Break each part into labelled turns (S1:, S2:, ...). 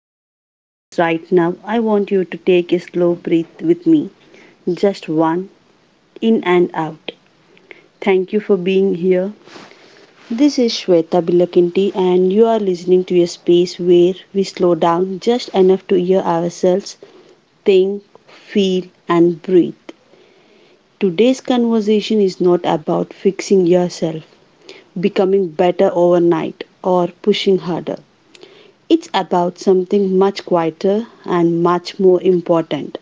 S1: listening to this right now, I want you to take a slow breath with me. Just one, in and out. Thank you for being here. This is Shweta Bilakinti, and you are listening to a space where we slow down just enough to hear ourselves think, feel, and breathe. Today's conversation is not about fixing yourself, becoming better overnight, or pushing harder. It's about something much quieter and much more important.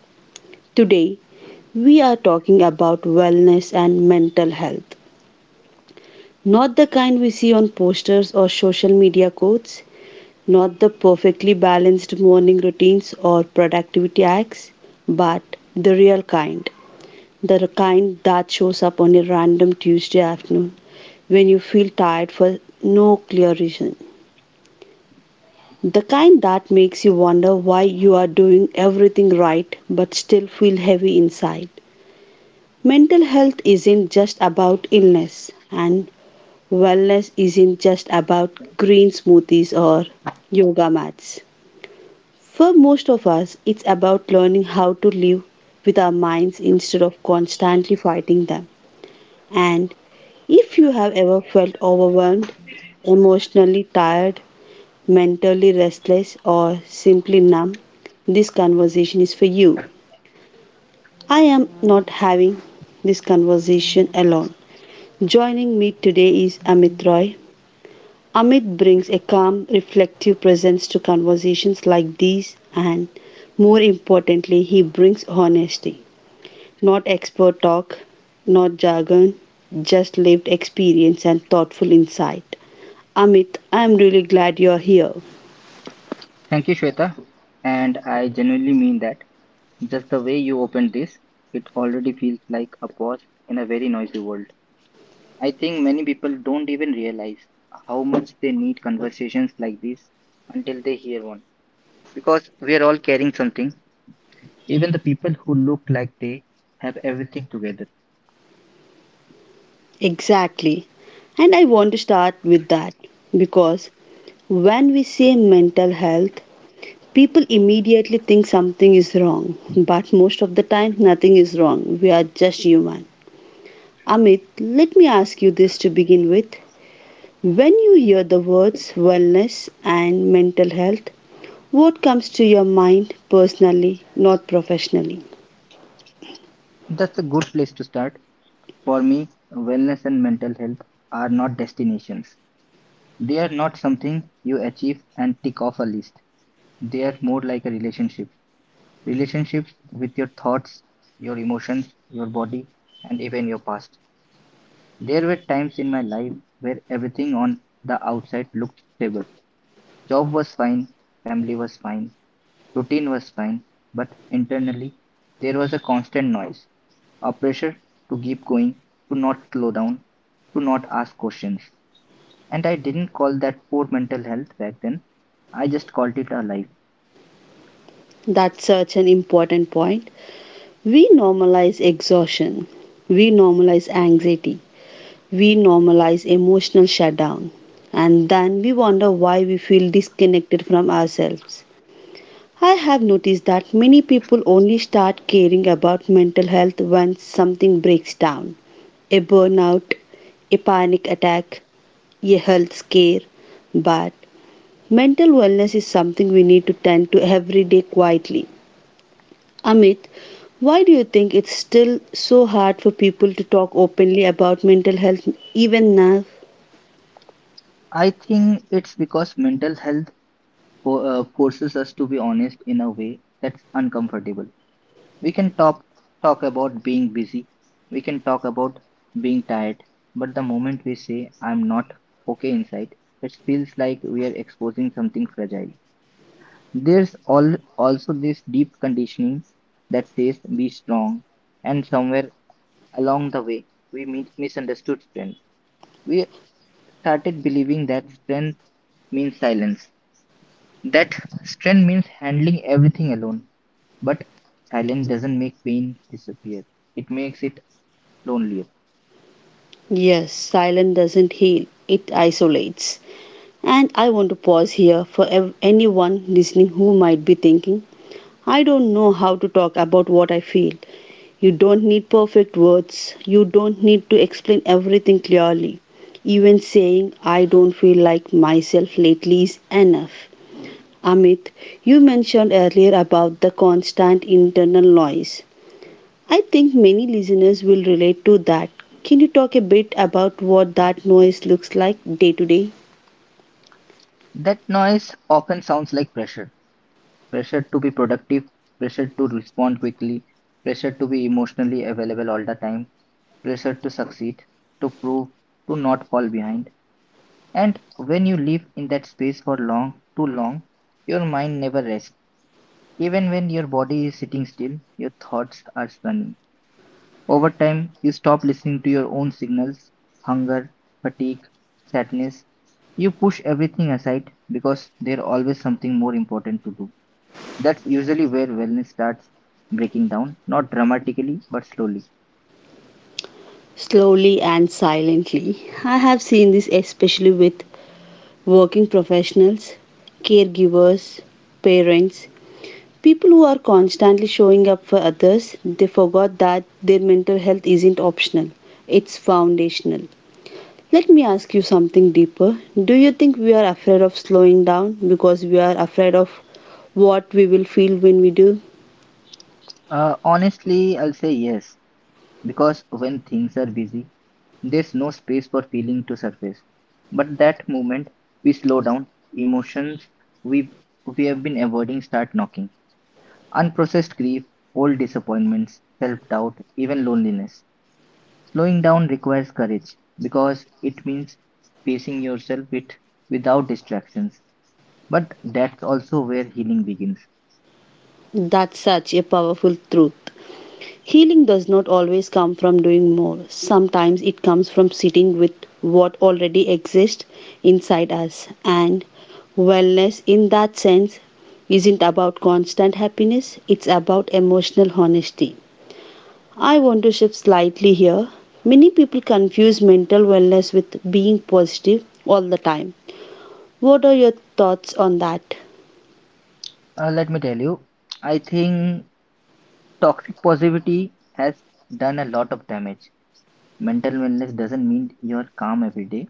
S1: Today, we are talking about wellness and mental health. Not the kind we see on posters or social media quotes, not the perfectly balanced morning routines or productivity hacks, but the real kind. The kind that shows up on a random Tuesday afternoon when you feel tired for no clear reason. The kind that makes you wonder why you are doing everything right but still feel heavy inside. Mental health isn't just about illness, and wellness isn't just about green smoothies or yoga mats. For most of us, it's about learning how to live with our minds instead of constantly fighting them. And if you have ever felt overwhelmed, emotionally tired, mentally restless, or simply numb, this conversation is for you. I am not having this conversation alone. Joining me today is Amit Roy. Amit brings a calm, reflective presence to conversations like these, and more importantly, he brings honesty. Not expert talk, not jargon, just lived experience and thoughtful insight. Amit, I am really glad you are here.
S2: Thank you, Shweta. And I genuinely mean that. Just the way you opened this, it already feels like a pause in a very noisy world. I think many people don't even realize how much they need conversations like this until they hear one. Because we are all carrying something, even the people who look like they have everything together.
S1: Exactly. And I want to start with that because when we say mental health, people immediately think something is wrong. But most of the time, nothing is wrong. We are just human. Amit, let me ask you this to begin with. When you hear the words wellness and mental health, what comes to your mind personally, not professionally?
S2: That's a good place to start. For me, wellness and mental health are not destinations, they are not something you achieve and tick off a list. They are more like a relationship relationships with your thoughts, your emotions, your body, and even your past. There were times in my life where everything on the outside looked stable. Job was fine, family was fine, routine was fine, but internally there was a constant noise, a pressure to keep going, to not slow down, to not ask questions. And I didn't call that poor mental health back then. I just called it a life.
S1: That's such an important point. We normalize exhaustion, we normalize anxiety, we normalize emotional shutdown and then we wonder why we feel disconnected from ourselves. I have noticed that many people only start caring about mental health when something breaks down: a burnout, a panic attack, a health scare. But mental wellness is something we need to tend to every day quietly. Amit, why do you think it's still so hard for people to talk openly about mental health even now?
S2: I think it's because mental health forces us to be honest in a way that's uncomfortable. We can talk about being busy. We can talk about being tired. But the moment we say I'm not okay inside, it feels like we are exposing something fragile. There's all also this deep conditioning that says be strong, and somewhere along the way we misunderstood strength. We started believing that strength means silence. That strength means handling everything alone. But silence doesn't make pain disappear, it makes it lonelier.
S1: Yes, silence doesn't heal, it isolates. And I want to pause here for anyone listening who might be thinking, I don't know how to talk about what I feel. You don't need perfect words, you don't need to explain everything clearly. Even saying, I don't feel like myself lately is enough. Amit, you mentioned earlier about the constant internal noise. I think many listeners will relate to that. Can you talk a bit about what that noise looks like day to day?
S2: That noise often sounds like pressure, to be productive, pressure to respond quickly, pressure to be emotionally available all the time, pressure to succeed, to prove, to not fall behind. And when you live in that space for long, too long, your mind never rests. Even when your body is sitting still, your thoughts are running. Over time, you stop listening to your own signals: hunger, fatigue, sadness. You push everything aside because there's always something more important to do. That's usually where wellness starts breaking down, not dramatically, but slowly.
S1: Slowly and silently. I have seen this especially with working professionals, caregivers, parents, people who are constantly showing up for others. They forgot that their mental health isn't optional, it's foundational. Let me ask you something deeper. Do you think we are afraid of slowing down because we are afraid of what we will feel when we do?
S2: Honestly, I'll say yes, because when things are busy, there's no space for feeling to surface. But that moment, we slow down, emotions we we have been avoiding start knocking. Unprocessed grief, old disappointments, self doubt, even loneliness. Slowing down requires courage because it means facing yourself without distractions. But that's also where healing begins.
S1: That's such a powerful truth. Healing does not always come from doing more. Sometimes it comes from sitting with what already exists inside us. And wellness, in that sense, isn't about constant happiness, it's about emotional honesty. I want to shift slightly here. Many people confuse mental wellness with being positive all the time. What are your thoughts on that?
S2: Let me tell you, I think toxic positivity has done a lot of damage. Mental wellness doesn't mean you're calm every day.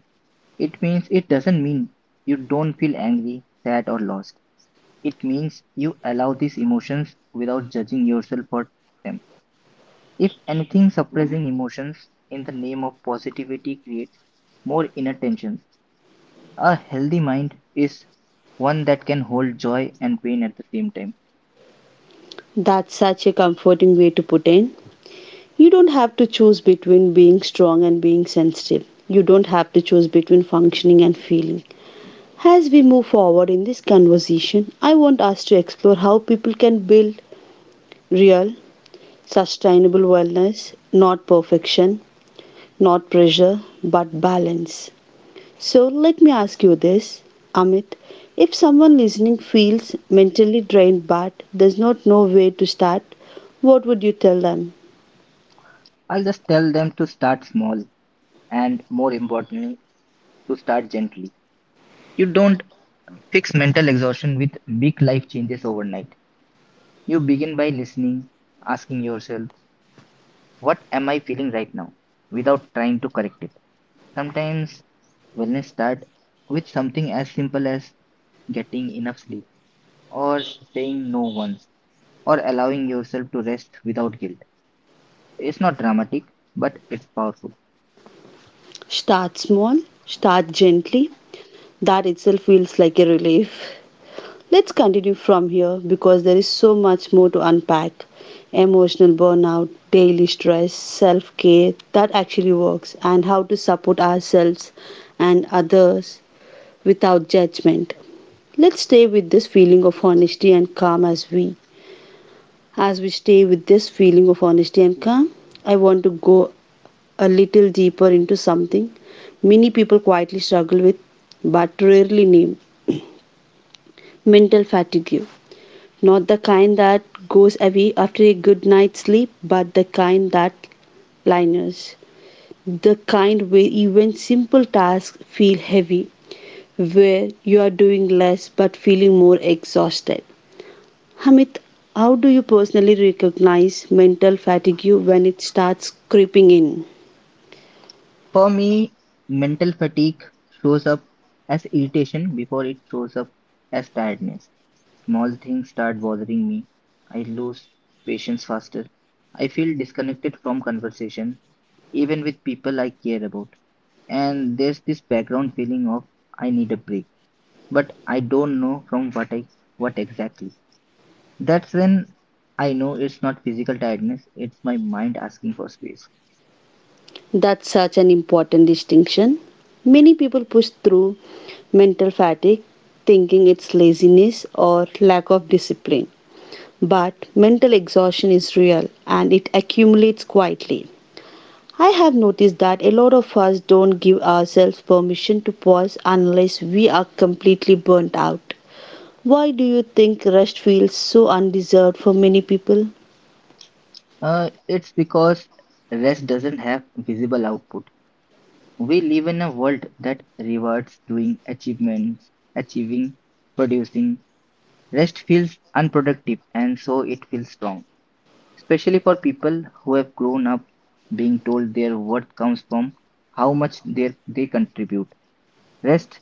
S2: It doesn't mean you don't feel angry, sad, or lost. It means you allow these emotions without judging yourself for them. If anything, suppressing emotions in the name of positivity creates more inner tensions. A healthy mind is one that can hold joy and pain at the same time.
S1: That's such a comforting way to put in. You don't have to choose between being strong and being sensitive. You don't have to choose between functioning and feeling. As we move forward in this conversation, I want us to explore how people can build real, sustainable wellness, not perfection, not pressure, but balance. So let me ask you this, Amit. If someone listening feels mentally drained but does not know where to start, what would you tell them?
S2: I'll just tell them to start small and, more importantly, to start gently. You don't fix mental exhaustion with big life changes overnight. You begin by listening, asking yourself, what am I feeling right now, without trying to correct it. Sometimes wellness starts with something as simple as getting enough sleep, or saying no once, or allowing yourself to rest without guilt. It's not dramatic, but it's powerful.
S1: Start small, start gently. That itself feels like a relief. Let's continue from here because there is so much more to unpack: emotional burnout, daily stress, self care that actually works, and how to support ourselves and others without judgment. Let's stay with this feeling of honesty and calm as we. As we stay with this feeling of honesty and calm, I want to go a little deeper into something many people quietly struggle with but rarely name: mental fatigue. Not the kind that goes away after a good night's sleep, but the kind that lingers. The kind where even simple tasks feel heavy, where you are doing less but feeling more exhausted. Hamid, how do you personally recognize mental fatigue when it starts creeping in?
S2: For me, mental fatigue shows up as irritation before it shows up as tiredness. Small things start bothering me. I lose patience faster. I feel disconnected from conversation, even with people I care about. And there's this background feeling of I need a break, but I don't know from what exactly. That's when I know it's not physical tiredness, it's my mind asking for space.
S1: That's such an important distinction. Many people push through mental fatigue thinking it's laziness or lack of discipline. But mental exhaustion is real and it accumulates quietly. I have noticed that a lot of us don't give ourselves permission to pause unless we are completely burnt out. Why do you think rest feels so undeserved for many people?
S2: It's because rest doesn't have visible output. We live in a world that rewards doing achievements, achieving, producing. Rest feels unproductive and so it feels wrong, especially for people who have grown up being told their worth comes from how much they contribute. Rest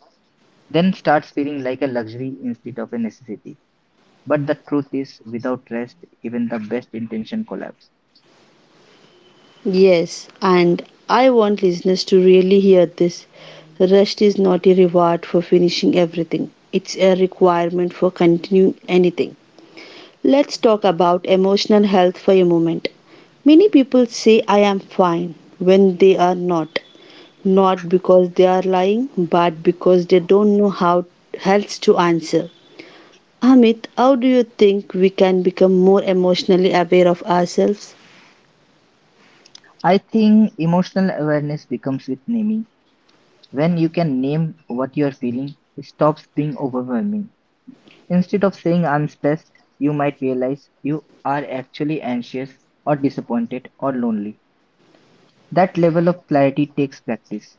S2: then starts feeling like a luxury instead of a necessity. But the truth is, without rest, even the best intention collapse.
S1: Yes, and I want listeners to really hear this. Rest is not a reward for finishing everything, it's a requirement for continuing anything. Let's talk about emotional health for a moment. Many people say, I am fine when they are not. Not because they are lying, but because they don't know how else to answer. Amit, how do you think we can become more emotionally aware of ourselves?
S2: I think emotional awareness becomes with naming. When you can name what you're feeling, it stops being overwhelming. Instead of saying I'm stressed, you might realize you are actually anxious or disappointed or lonely. That level of clarity takes practice.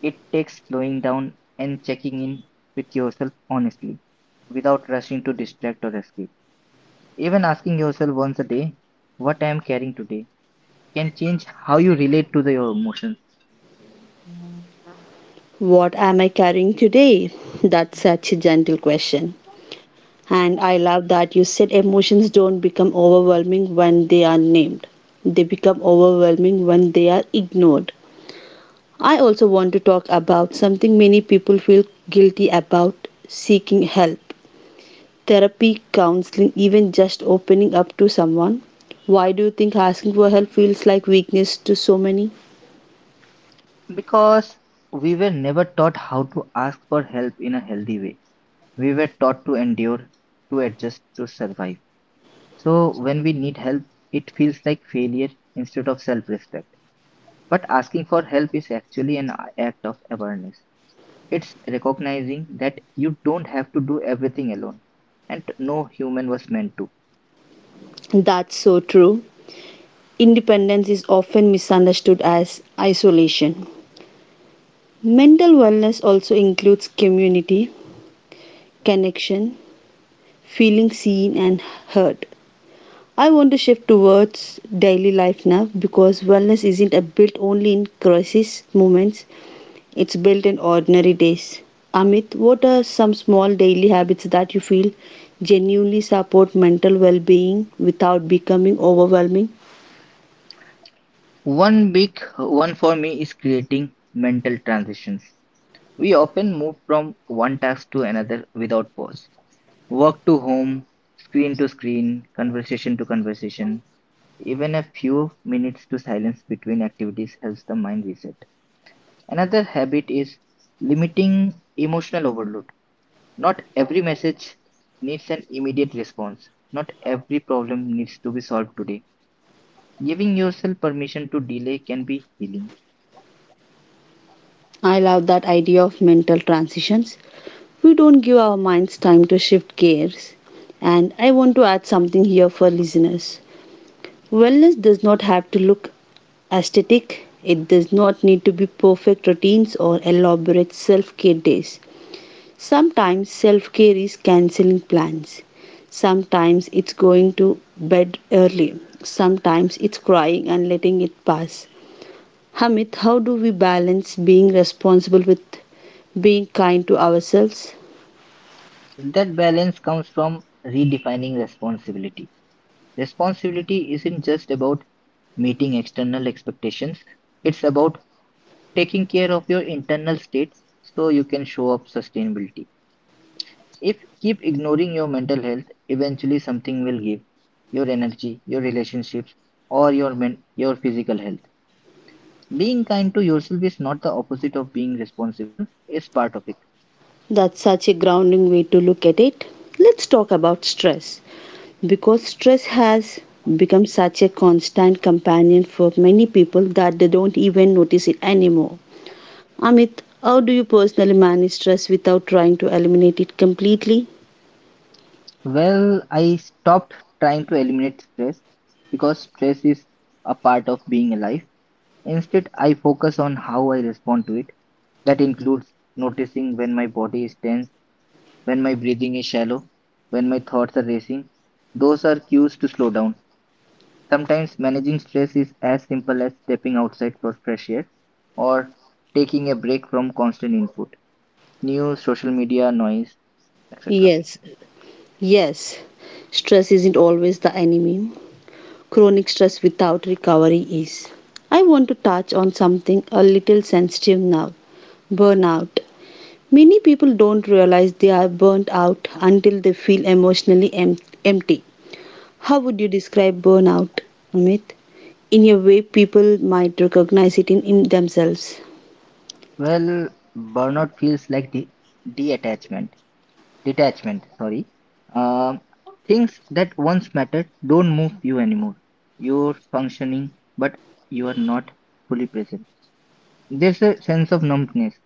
S2: It takes slowing down and checking in with yourself honestly, without rushing to distract or escape. Even asking yourself once a day, what I am carrying today, can change how you relate to your emotions.
S1: What am I carrying today? That's such a gentle question. And I love that you said emotions don't become overwhelming when they are named. They become overwhelming when they are ignored. I also want to talk about something many people feel guilty about: seeking help. Therapy, counseling, even just opening up to someone. Why do you think asking for help feels like weakness to so many?
S2: Because we were never taught how to ask for help in a healthy way. We were taught to endure, to adjust, to survive. So when we need help, it feels like failure instead of self respect. But asking for help is actually an act of awareness. It's recognizing that you don't have to do everything alone, and no human was meant to.
S1: That's so true. Independence is often misunderstood as isolation. Mental wellness also includes community, connection, feeling seen and heard. I want to shift towards daily life now because wellness isn't a built only in crisis moments, it's built in ordinary days. Amit, what are some small daily habits that you feel genuinely support mental well being without becoming overwhelming?
S2: One big one for me is creating mental transitions. We often move from one task to another without pause: work to home, screen to screen, conversation to conversation. Even a few minutes to silence between activities helps the mind reset. Another habit is limiting emotional overload. Not every message needs an immediate response. Not every problem needs to be solved today. Giving yourself permission to delay can be healing.
S1: I love that idea of mental transitions. We don't give our minds time to shift gears. And I want to add something here for listeners. Wellness does not have to look aesthetic, it does not need to be perfect routines or elaborate self care days. Sometimes self care is cancelling plans, sometimes it's going to bed early, sometimes it's crying and letting it pass. Hamid, how do we balance being responsible with being kind to ourselves?
S2: That balance comes from redefining responsibility. Responsibility isn't just about meeting external expectations, it's about taking care of your internal state so you can show up sustainability. If you keep ignoring your mental health, eventually something will give: your energy, your relationships, or your your physical health. Being kind to yourself is not the opposite of being responsible, it's part of it.
S1: That's such a grounding way to look at it. Let's talk about stress because stress has become such a constant companion for many people that they don't even notice it anymore. Amit, how do you personally manage stress without trying to eliminate it completely?
S2: Well, I stopped trying to eliminate stress because stress is a part of being alive. Instead, I focus on how I respond to it. That includes noticing when my body is tense, when my breathing is shallow, when my thoughts are racing. Those are cues to slow down. Sometimes managing stress is as simple as stepping outside for fresh air or taking a break from constant input, news, social media, noise, etc.
S1: Yes, yes, stress isn't always the enemy. Chronic stress without recovery is. I want to touch on something a little sensitive now: burnout. Many people don't realize they are burnt out until they feel emotionally empty. How would you describe burnout, Amit? In a way, people might recognize it in themselves.
S2: Well, burnout feels like detachment, detachment, sorry. Um, things that once mattered don't move you anymore. You're functioning, but you are not fully present. There's a sense of numbness.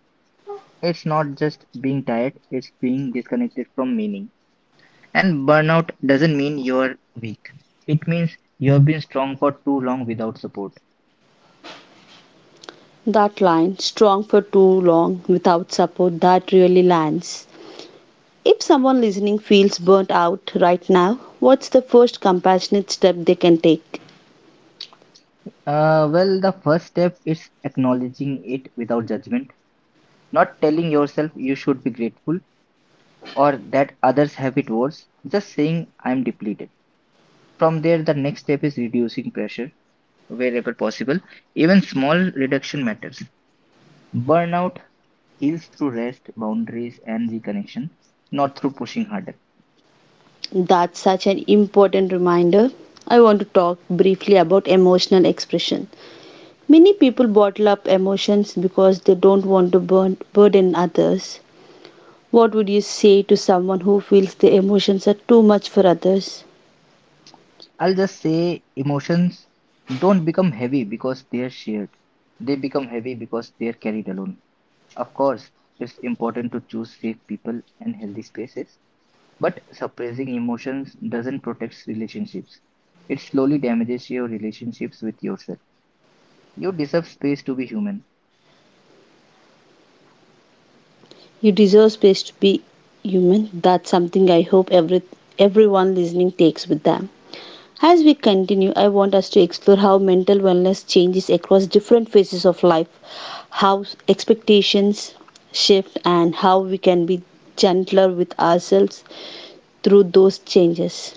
S2: It's not just being tired, it's being disconnected from meaning. And burnout doesn't mean you're weak. It means you've been strong for too long without support.
S1: That line, strong for too long without support, that really lands. If someone listening feels burnt out right now, what's the first compassionate step they can take?
S2: Well, the first step is acknowledging it without judgment, not telling yourself you should be grateful or that others have it worse, just saying I'm depleted. From there, the next step is reducing pressure wherever possible. Even small reduction matters. Burnout heals through rest, boundaries, and reconnection, not through pushing harder.
S1: That's such an important reminder. I want to talk briefly about emotional expression. Many people bottle up emotions because they don't want to burden others. What would you say to someone who feels their emotions are too much for others?
S2: I'll just say emotions don't become heavy because they're shared. They become heavy because they're carried alone. Of course, it's important to choose safe people and healthy spaces, but suppressing emotions doesn't protect relationships. It slowly damages your relationships with yourself. You deserve space to be human.
S1: You deserve space to be human. That's something I hope everyone listening takes with them. As we continue, I want us to explore how mental wellness changes across different phases of life, how expectations shift, and how we can be gentler with ourselves through those changes.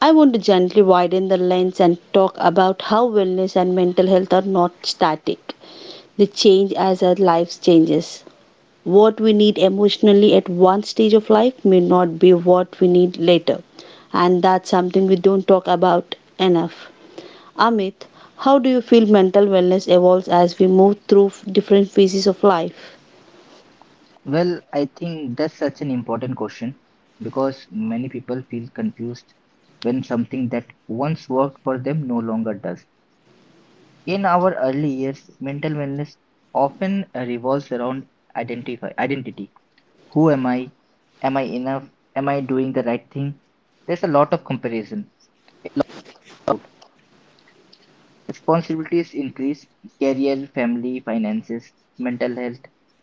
S1: I want to gently widen the lens and talk about how wellness and mental health are not static. They change as our lives changes. What we need emotionally at one stage of life may not be what we need later. And that's something we don't talk about enough. Amit, how do you feel mental wellness evolves as we move through different phases of life?
S2: Well, I think that's such an important question because many people feel confused when something that once worked for them no longer does. In our early years, mental wellness often revolves around identify identity. Who am I? Am I enough? Am I doing the right thing? There's a lot of comparison, a lot of doubt. Responsibilities increase, career, family, finances, mental health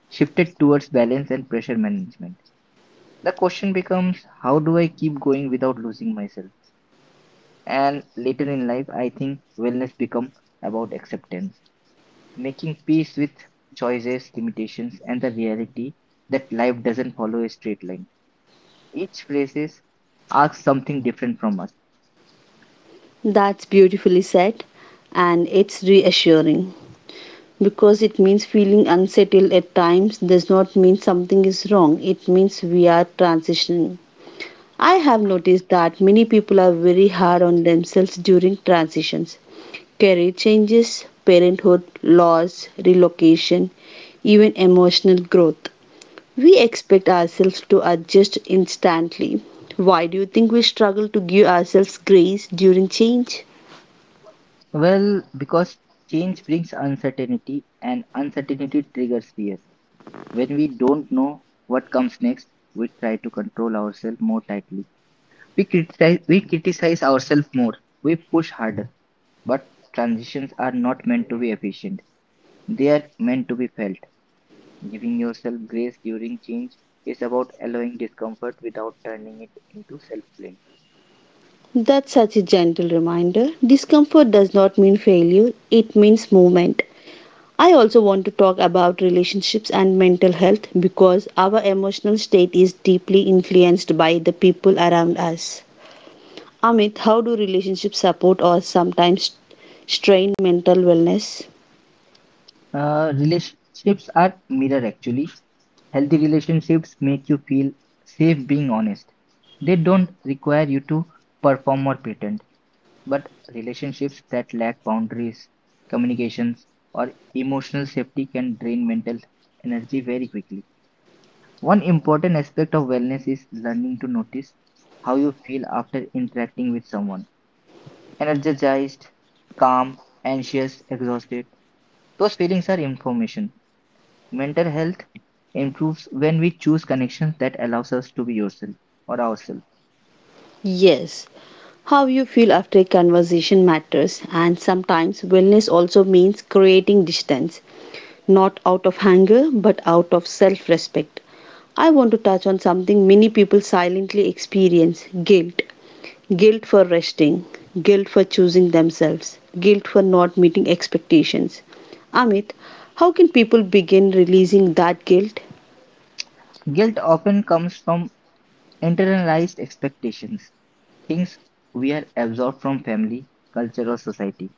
S2: shifted towards balance and pressure management. The question becomes how do I keep going without losing myself? And later in life, I think wellness become about acceptance, making peace with choices, limitations, and the reality that life doesn't follow a straight line. Each phrases asks something different from us.
S1: That's beautifully said, and it's reassuring because it means feeling unsettled at times does not mean something is wrong, it means we are transitioning. I have noticed that many people are very hard on themselves during transitions, career changes, parenthood, loss, relocation, even emotional growth. We expect ourselves to adjust instantly. Why do you think we struggle to give ourselves grace during change?
S2: Well, because change brings uncertainty, and uncertainty triggers fear. When we don't know what comes next, we try to control ourselves more tightly. We criticize ourselves more. We push harder. But transitions are not meant to be efficient. They are meant to be felt. Giving yourself grace during change is about allowing discomfort without turning it into self blame.
S1: That's such a gentle reminder. Discomfort does not mean failure, it means movement. I also want to talk about relationships and mental health because our emotional state is deeply influenced by the people around us. Amit, how do relationships support or sometimes strain mental wellness?
S2: Relationships are mirror actually. Healthy relationships make you feel safe being honest. They don't require you to perform or pretend. But relationships that lack boundaries, communications, or emotional safety can drain mental energy very quickly. One important aspect of wellness is learning to notice how you feel after interacting with someone. Energized, calm, anxious, exhausted. Those feelings are information. Mental health improves when we choose connections that allows us to be yourself or ourselves.
S1: Yes, how you feel after a conversation matters, and sometimes wellness also means creating distance, not out of anger but out of self respect. I want to touch on something many people silently experience: guilt. Guilt for resting, guilt for choosing themselves, guilt for not meeting expectations. Amit, how can people begin releasing that guilt,
S2: Guilt often comes from internalized expectations, things we are absorbed from family, culture, or society.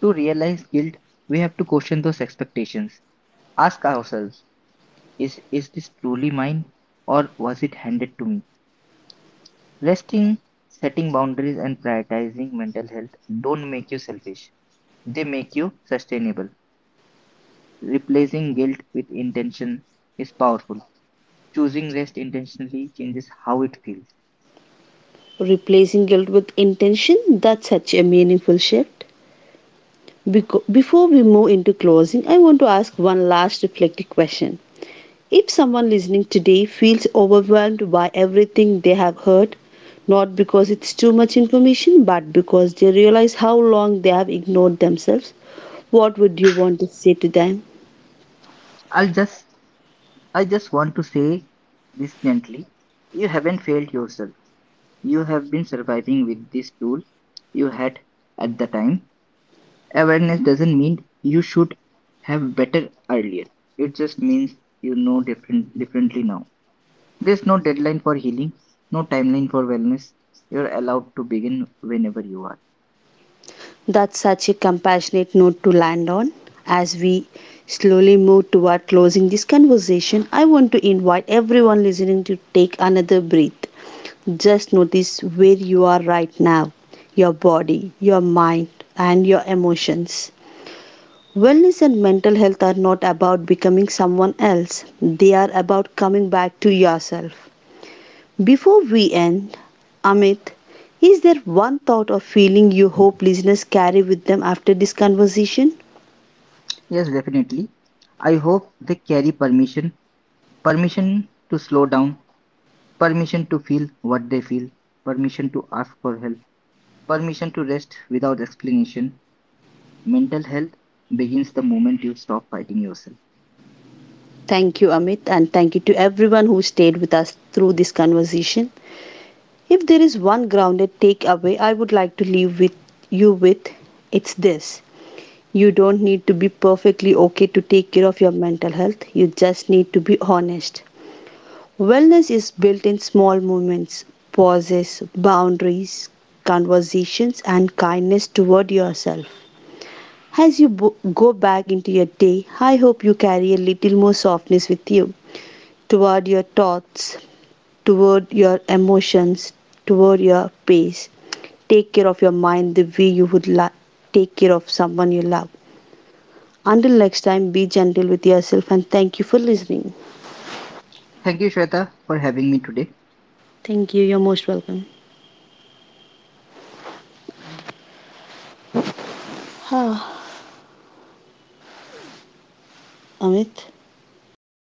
S2: To realize guilt, we have to question those expectations. Ask ourselves is this truly mine or was it handed to me? Resting, setting boundaries, and prioritizing mental health don't make you selfish, they make you sustainable. Replacing guilt with intention is powerful. Choosing rest intentionally changes how it feels.
S1: replacing guilt with intention? That's such a meaningful shift. Before we move into closing, I want to ask one last reflective question. If someone listening today feels overwhelmed by everything they have heard, not because it's too much information, but because they realize how long they have ignored themselves, what would you want to say to them?
S2: I'll just I just want to say this gently. You haven't failed yourself. You have been surviving with this tool you had at the time. Awareness doesn't mean you should have better earlier. It just means you know differently now. There's no deadline for healing, no timeline for wellness. You're allowed to begin whenever you are.
S1: That's such a compassionate note to land on. As we slowly move toward closing this conversation, I want to invite everyone listening to take another breath. Just notice where you are right now: your body, your mind, and your emotions. Wellness and mental health are not about becoming someone else, they are about coming back to yourself. Before we end, Amit, is there one thought or feeling you hope listeners carry with them after this conversation?
S2: Yes, definitely. I hope they carry permission. Permission to slow down, permission to feel what they feel, permission to ask for help, permission to rest without explanation. Mental health begins the moment you stop fighting yourself.
S1: Thank you, Amit, and thank you to everyone who stayed with us through this conversation. If there is one grounded takeaway I would like to leave with you with, it's this. You don't need to be perfectly okay to take care of your mental health. You just need to be honest. Wellness is built in small moments, pauses, boundaries, conversations, and kindness toward yourself. As you go back into your day, I hope you carry a little more softness with you toward your thoughts, toward your emotions, toward your pace. Take care of your mind the way you would like. Take care of someone you love. Until next time, be gentle with yourself and thank you for listening.
S2: Thank you, Shweta, for having me today.
S1: Thank you. You're most welcome. Amit.
S2: It's